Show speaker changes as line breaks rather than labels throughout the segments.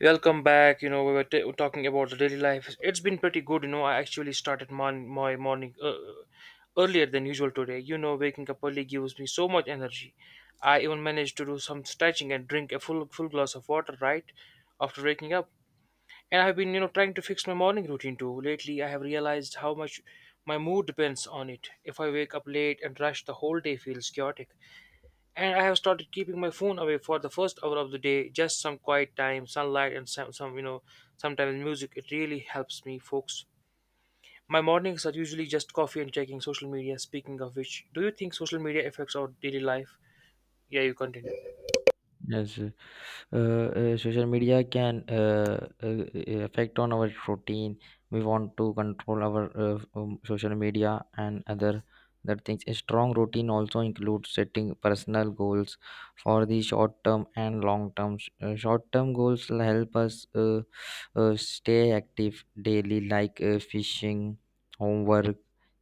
Welcome back. You know, we were talking about the daily life. It's been pretty good. You know, I actually started my morning earlier than usual today. You know, waking up early gives me so much energy. I even managed to do some stretching and drink a full glass of water right after waking up. And I've been, you know, trying to fix my morning routine too. Lately, I have realized how much my mood depends on it. If I wake up late and rush, the whole day feels chaotic and I have started keeping my phone away for the first hour of the day, just some quiet time, sunlight, and sometimes music. It really helps me, folks. My mornings are usually just coffee and checking social media. Speaking of which, do you think social media affects our daily life? Yeah, you continue.
也是，social media can affect on our routine. We want to control our social media and other that things. A strong routine also includes setting personal goals for the short term and long term. Short term goals will help us stay active daily, like fishing, homework,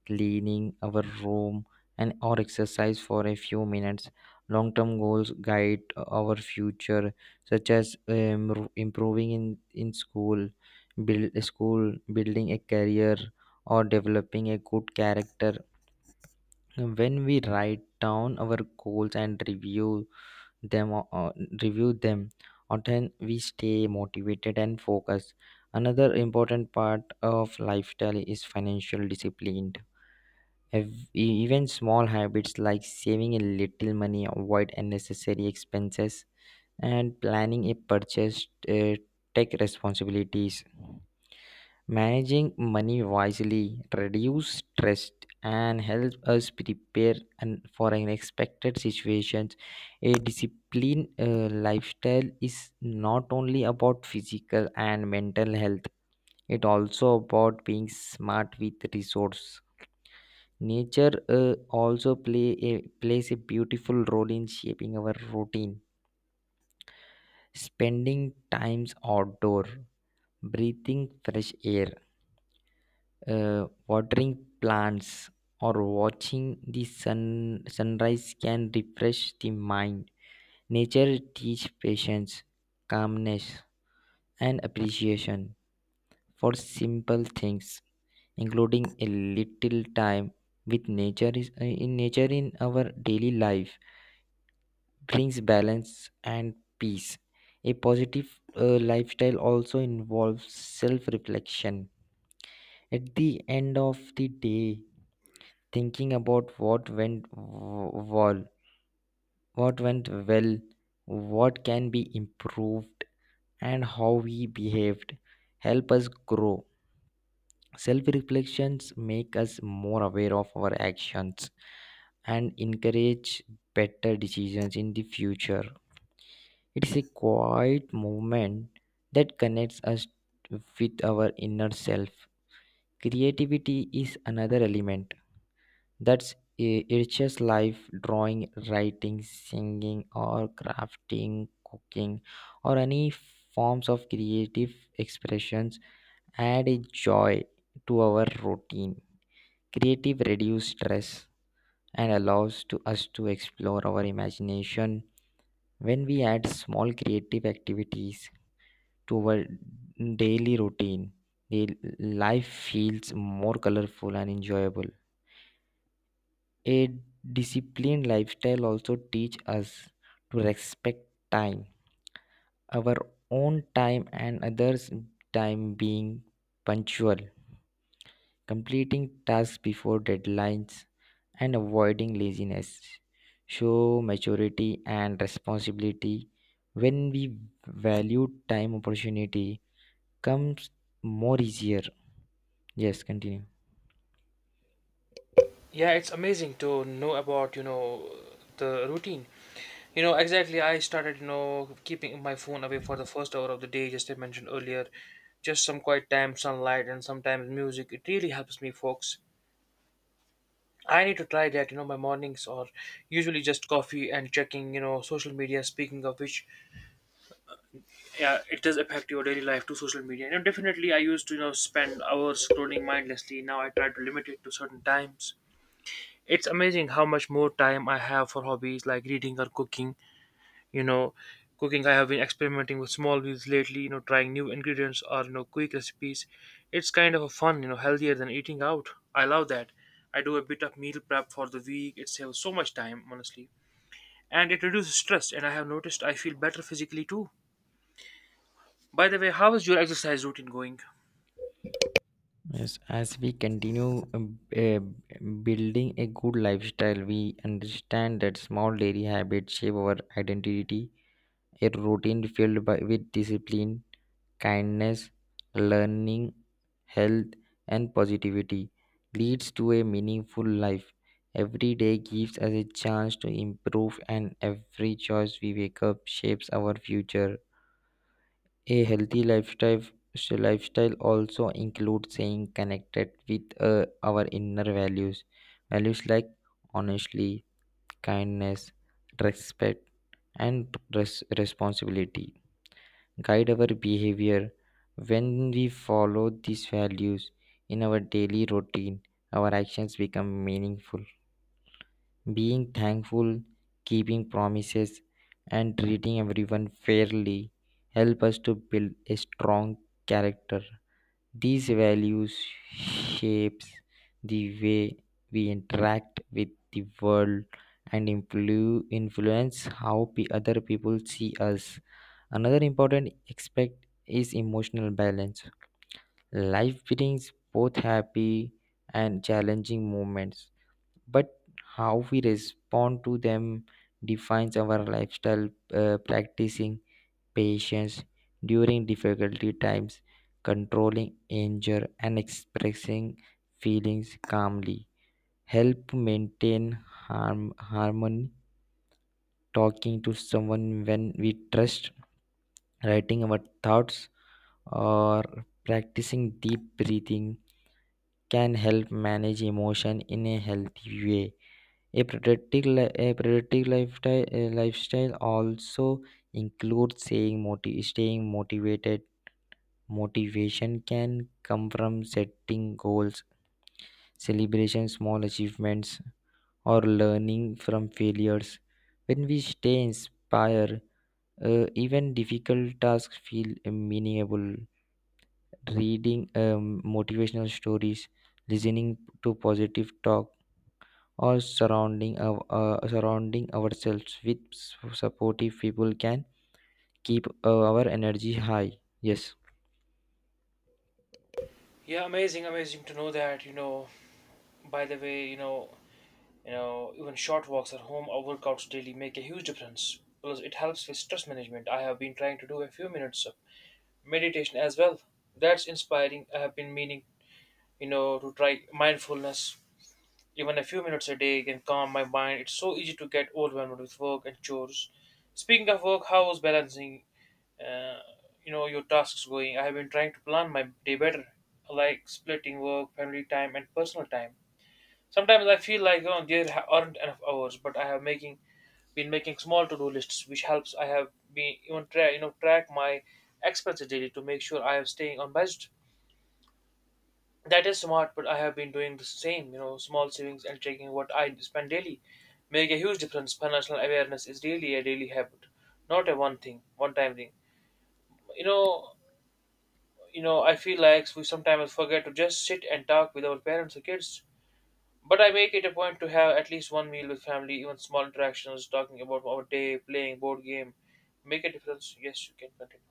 cleaning our room, and or exercise for a few minutes. Long term goals guide our future, such as improving in school, building a career, or developing a good character. When we write down our goals and review them, o- o- review them often, we stay motivated and focused. Another important part of lifestyle is financial discipline. Even small habits like saving a little money, avoid unnecessary expenses, and planning a purchase, take responsibilities. Managing money wisely reduce stress and help us prepare and for unexpected situations. A disciplined lifestyle is not only about physical and mental health, it also about being smart with resource. Nature also plays a beautiful role in shaping our routine: spending times outdoor, breathing fresh air, watering plants, or watching the sun sunrise can refresh the mind. Nature teaches patience, calmness, and appreciation for simple things. Including a little time with nature is in nature in our daily life brings balance and peace. A positive lifestyle also involves self reflection. At the end of the day, thinking about what went well, what can be improved, and how we behaved help us grow. Self reflections make us more aware of our actions and encourage better decisions in the future. It is a quiet movement that connects us with our inner self. Creativity is another element that's I- enriches life: drawing, writing, singing, or crafting, cooking, or any forms of creative expressions add a joy to our routine. Creative reduce stress and allows to us to explore our imagination. When we add small creative activities to our daily routine, the life feels more colorful and enjoyable. A disciplined lifestyle also teach us to respect time, our own time and others' time: being punctual, completing tasks before deadlines, and avoiding laziness. Show maturity and responsibility. When we value time, opportunity comes more easier. Yes, continue.
Yeah, it's amazing to know about, you know, the routine. You know exactly. I started, you know, keeping my phone away for the first hour of the day, just I mentioned earlier. Just some quiet time, sunlight, and sometimes music. It really helps me, folks. I need to try that. You know, my mornings are usually just coffee and checking, you know, social media. Speaking of which, yeah, it does affect your daily life to social media. You know, definitely, I used to, you know, spend hours scrolling mindlessly. Now I try to limit it to certain times. It's amazing how much more time I have for hobbies like reading or cooking. You know cooking, I have been experimenting with small meals lately, trying new ingredients, or, quick recipes. It's kind of a fun, healthier than eating out. I love that. I do a bit of meal prep for the week. It saves so much time, honestly, and it reduces stress, and I have noticed I feel better physically too. By the way, how is your exercise routine going?
Yes, as we continue building a good lifestyle, we understand that small daily habits shape our identity. A routine filled with discipline, kindness, learning, health, and positivity leads to a meaningful life. Every day gives us a chance to improve, and every choice we wake up shapes our future. A healthy lifestyle also includes staying connected with our inner values. Values like honesty, kindness, respect, and responsibility guide our behavior. When we follow these values in our daily routine, our actions become meaningful. Being thankful, keeping promises, and treating everyone fairly help us to build a strong character. These values shapes the way we interact with the world and influence how other people see us. Another important aspect is emotional balance. Life brings both happy and challenging moments, but how we respond to them defines our lifestyle. Practicing patience during difficulty times, controlling anger, and expressing feelings calmly help maintain harmony. Talking to someone when we trust, writing our thoughts, or practicing deep breathing can help manage emotion in a healthy way. A productive lifestyle, also includes staying motivated. Motivation can come from setting goals, celebrating small achievements, or learning from failures. When we stay inspired, even difficult tasks feel meaningful. Reading motivational stories, listening to positive talk, or surrounding ourselves with supportive people can keep our energy high. Yes.
Yeah, amazing to know that, you know. By the way, you know, even short walks at home or workouts daily make a huge difference. Plus, it helps with stress management. I have been trying to do a few minutes meditation as well. That's inspiring. I have been meaning, you know, to try mindfulness. Even a few minutes a day can calm my mind. It's so easy to get overwhelmed with work and chores. Speaking of work, how is balancing, uh, you know, your tasks going? I have been trying to plan my day better, like splitting work, family time, and personal time. Sometimes I feel like, oh, aren't enough hours, but I have making small to-do lists, which helps. I have been even try, you know, track my expenses daily to make sure I am staying on budget. That is smart, but I have been doing the same, you know, small savings and checking what I spend daily make a huge difference. Financial awareness is really a daily habit, not a one thing, one time thing. You know, I feel like we sometimes forget to just sit and talk with our parents or kids. But I make it a point to have at least one meal with family. Even small interactions, talking about our day, playing board game, make a difference. Yes, you can continue.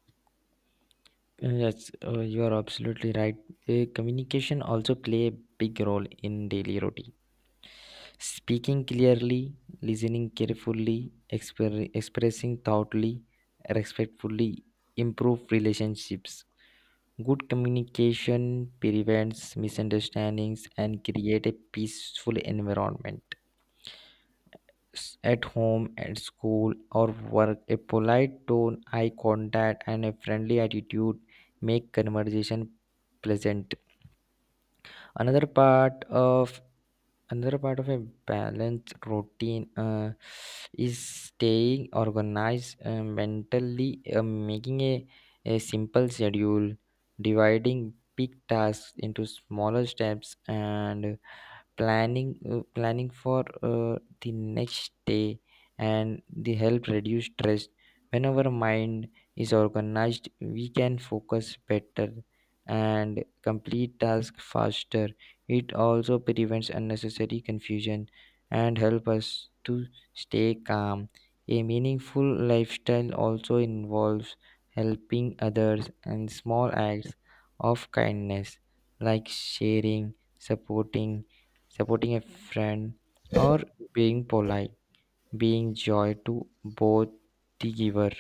Yes, you are absolutely right. Communication also play a big role in daily routine: speaking clearly, listening carefully, expressing thoughtfully, respectfully, improve relationships. Good communication prevents misunderstandings and create a peaceful environment. At home, at school, or work, a polite tone, eye contact, and a friendly attitude make conversation pleasant. Another part of Another part of a balanced routine is staying organized mentally. A simple schedule, dividing big tasks into smaller steps, and planning for the next day and the help reduce stress. When our mind is organized, we can focus better and complete tasks faster. It also prevents unnecessary confusion and help us to stay calm. A meaningful lifestyle also involves helping others and small acts of kindness, like sharing, supporting supporting a friend, or being polite, being joy to both the giver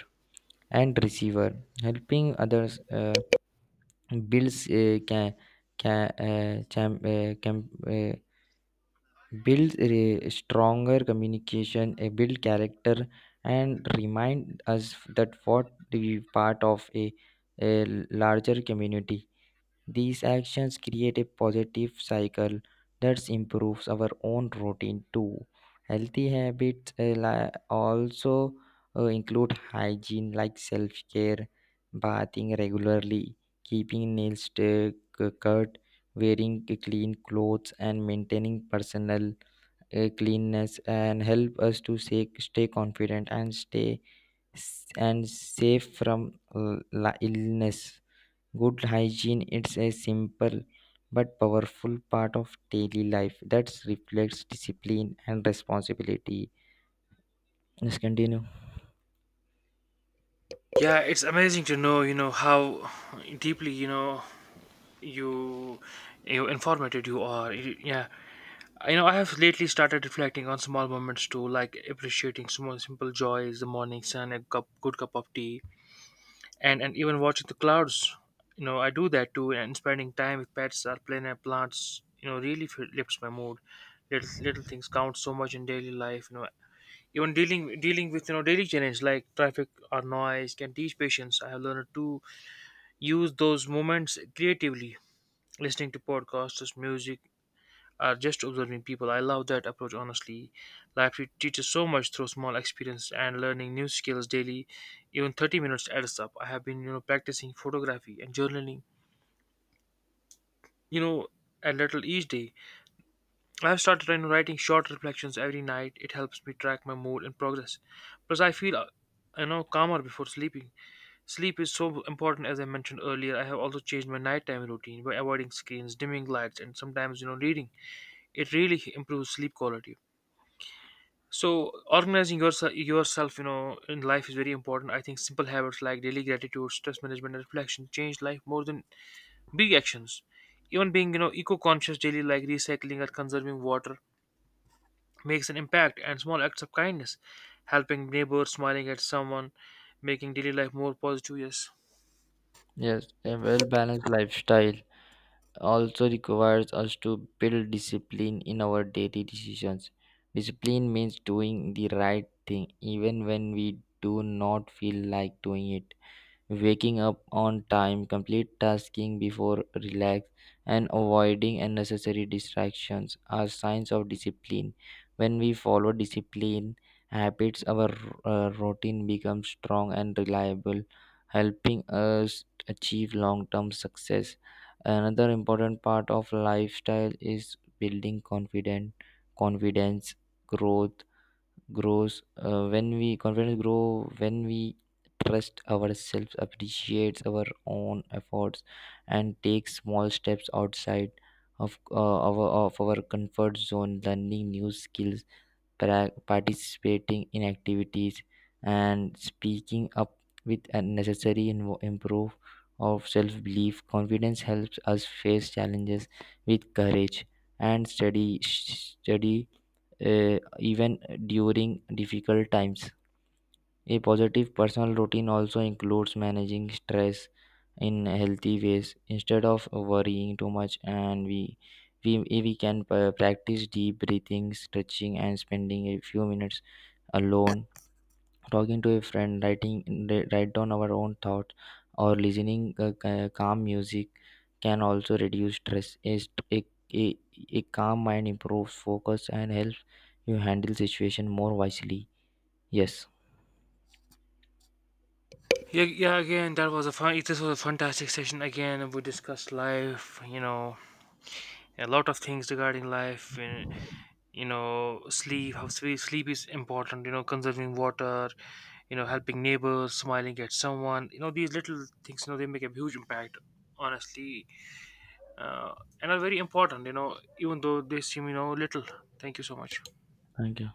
and receiver. Helping others builds a can uh, cham- uh, cam- uh, builds a stronger communication, a build character, and remind us that what we part of a larger community. These actions create a positive cycle that improves our own routine too. Healthy habits also include hygiene like self care: bathing regularly, keeping nails cut, wearing clean clothes, and maintaining personal cleanness and help us to stay confident and stay and safe from illness. Good hygiene it's a simple but powerful part of daily life that reflects discipline and responsibility. Let's continue.
Yeah, it's amazing to know, you know, how deeply, you you informative you are. Yeah, you know, I have lately started reflecting on small moments too, like appreciating small simple joys, the morning sun, a cup good cup of tea, and even watching the clouds. You know, I do that too. And spending time with pets or plants, you know, really lifts my mood. Little things count so much in daily life, you know. Even dealing with, you know, daily challenge like traffic or noise can teach patience. I have learned to use those moments creatively, listening to podcasts, music, or just observing people. I love that approach, honestly. Life teaches so much through small experiences and learning new skills daily. Even 30 minutes adds up. I have been, you know, practicing photography and journaling, you know, a little each day. I have started, you know, writing short reflections every night. It helps me track my mood and progress. Plus, I feel, you know, calmer before sleeping. Sleep is so important, as I mentioned earlier. I have also changed my nighttime routine by avoiding screens, dimming lights, and sometimes, you know, reading. It really improves sleep quality. So organizing yourself, you know, in life is very important. I think simple habits like daily gratitude, stress management, and reflection change life more than big actions. Even being, you know, eco-conscious daily, like recycling or conserving water, makes an impact. And small acts of kindness, helping neighbors, smiling at someone, making daily life more positive. Yes.
Yes, a well balanced lifestyle also requires us to build discipline in our daily decisions. Discipline means doing the right thing even when we do not feel like doing it. Waking up on time, complete tasking before relax, and avoiding unnecessary distractions are signs of discipline. When we follow discipline habits, our routine becomes strong and reliable, helping us achieve long term success. Another important part of lifestyle is building confident confidence. Growth, grows when we Confidence grow when we trust ourselves, appreciates our own efforts, and takes small steps outside of uh, of our comfort zone. Learning new skills, participating in activities, and speaking up with unnecessary improve of self belief. Confidence helps us face challenges with courage and steady even during difficult times. A positive personal routine also includes managing stress in healthy ways. Instead of worrying too much, we can practice deep breathing, stretching, and spending a few minutes alone. Talking to a friend, write down our own thoughts, or listening calm music can also reduce stress. A, st- a, A calm mind improves focus and helps you handle situation more wisely. Yes,
Yeah, yeah, again, that was a fun this was a fantastic session. Again, we discussed life, you know, a lot of things regarding life, and, you know, sleep, how sleep is important. You know, conserving water, you know, helping neighbors, smiling at someone, you know, these little things, you know, they make a huge impact, honestly. uh, and are very important, you know, even though they seem, you know, little. Thank you so much.
thank you.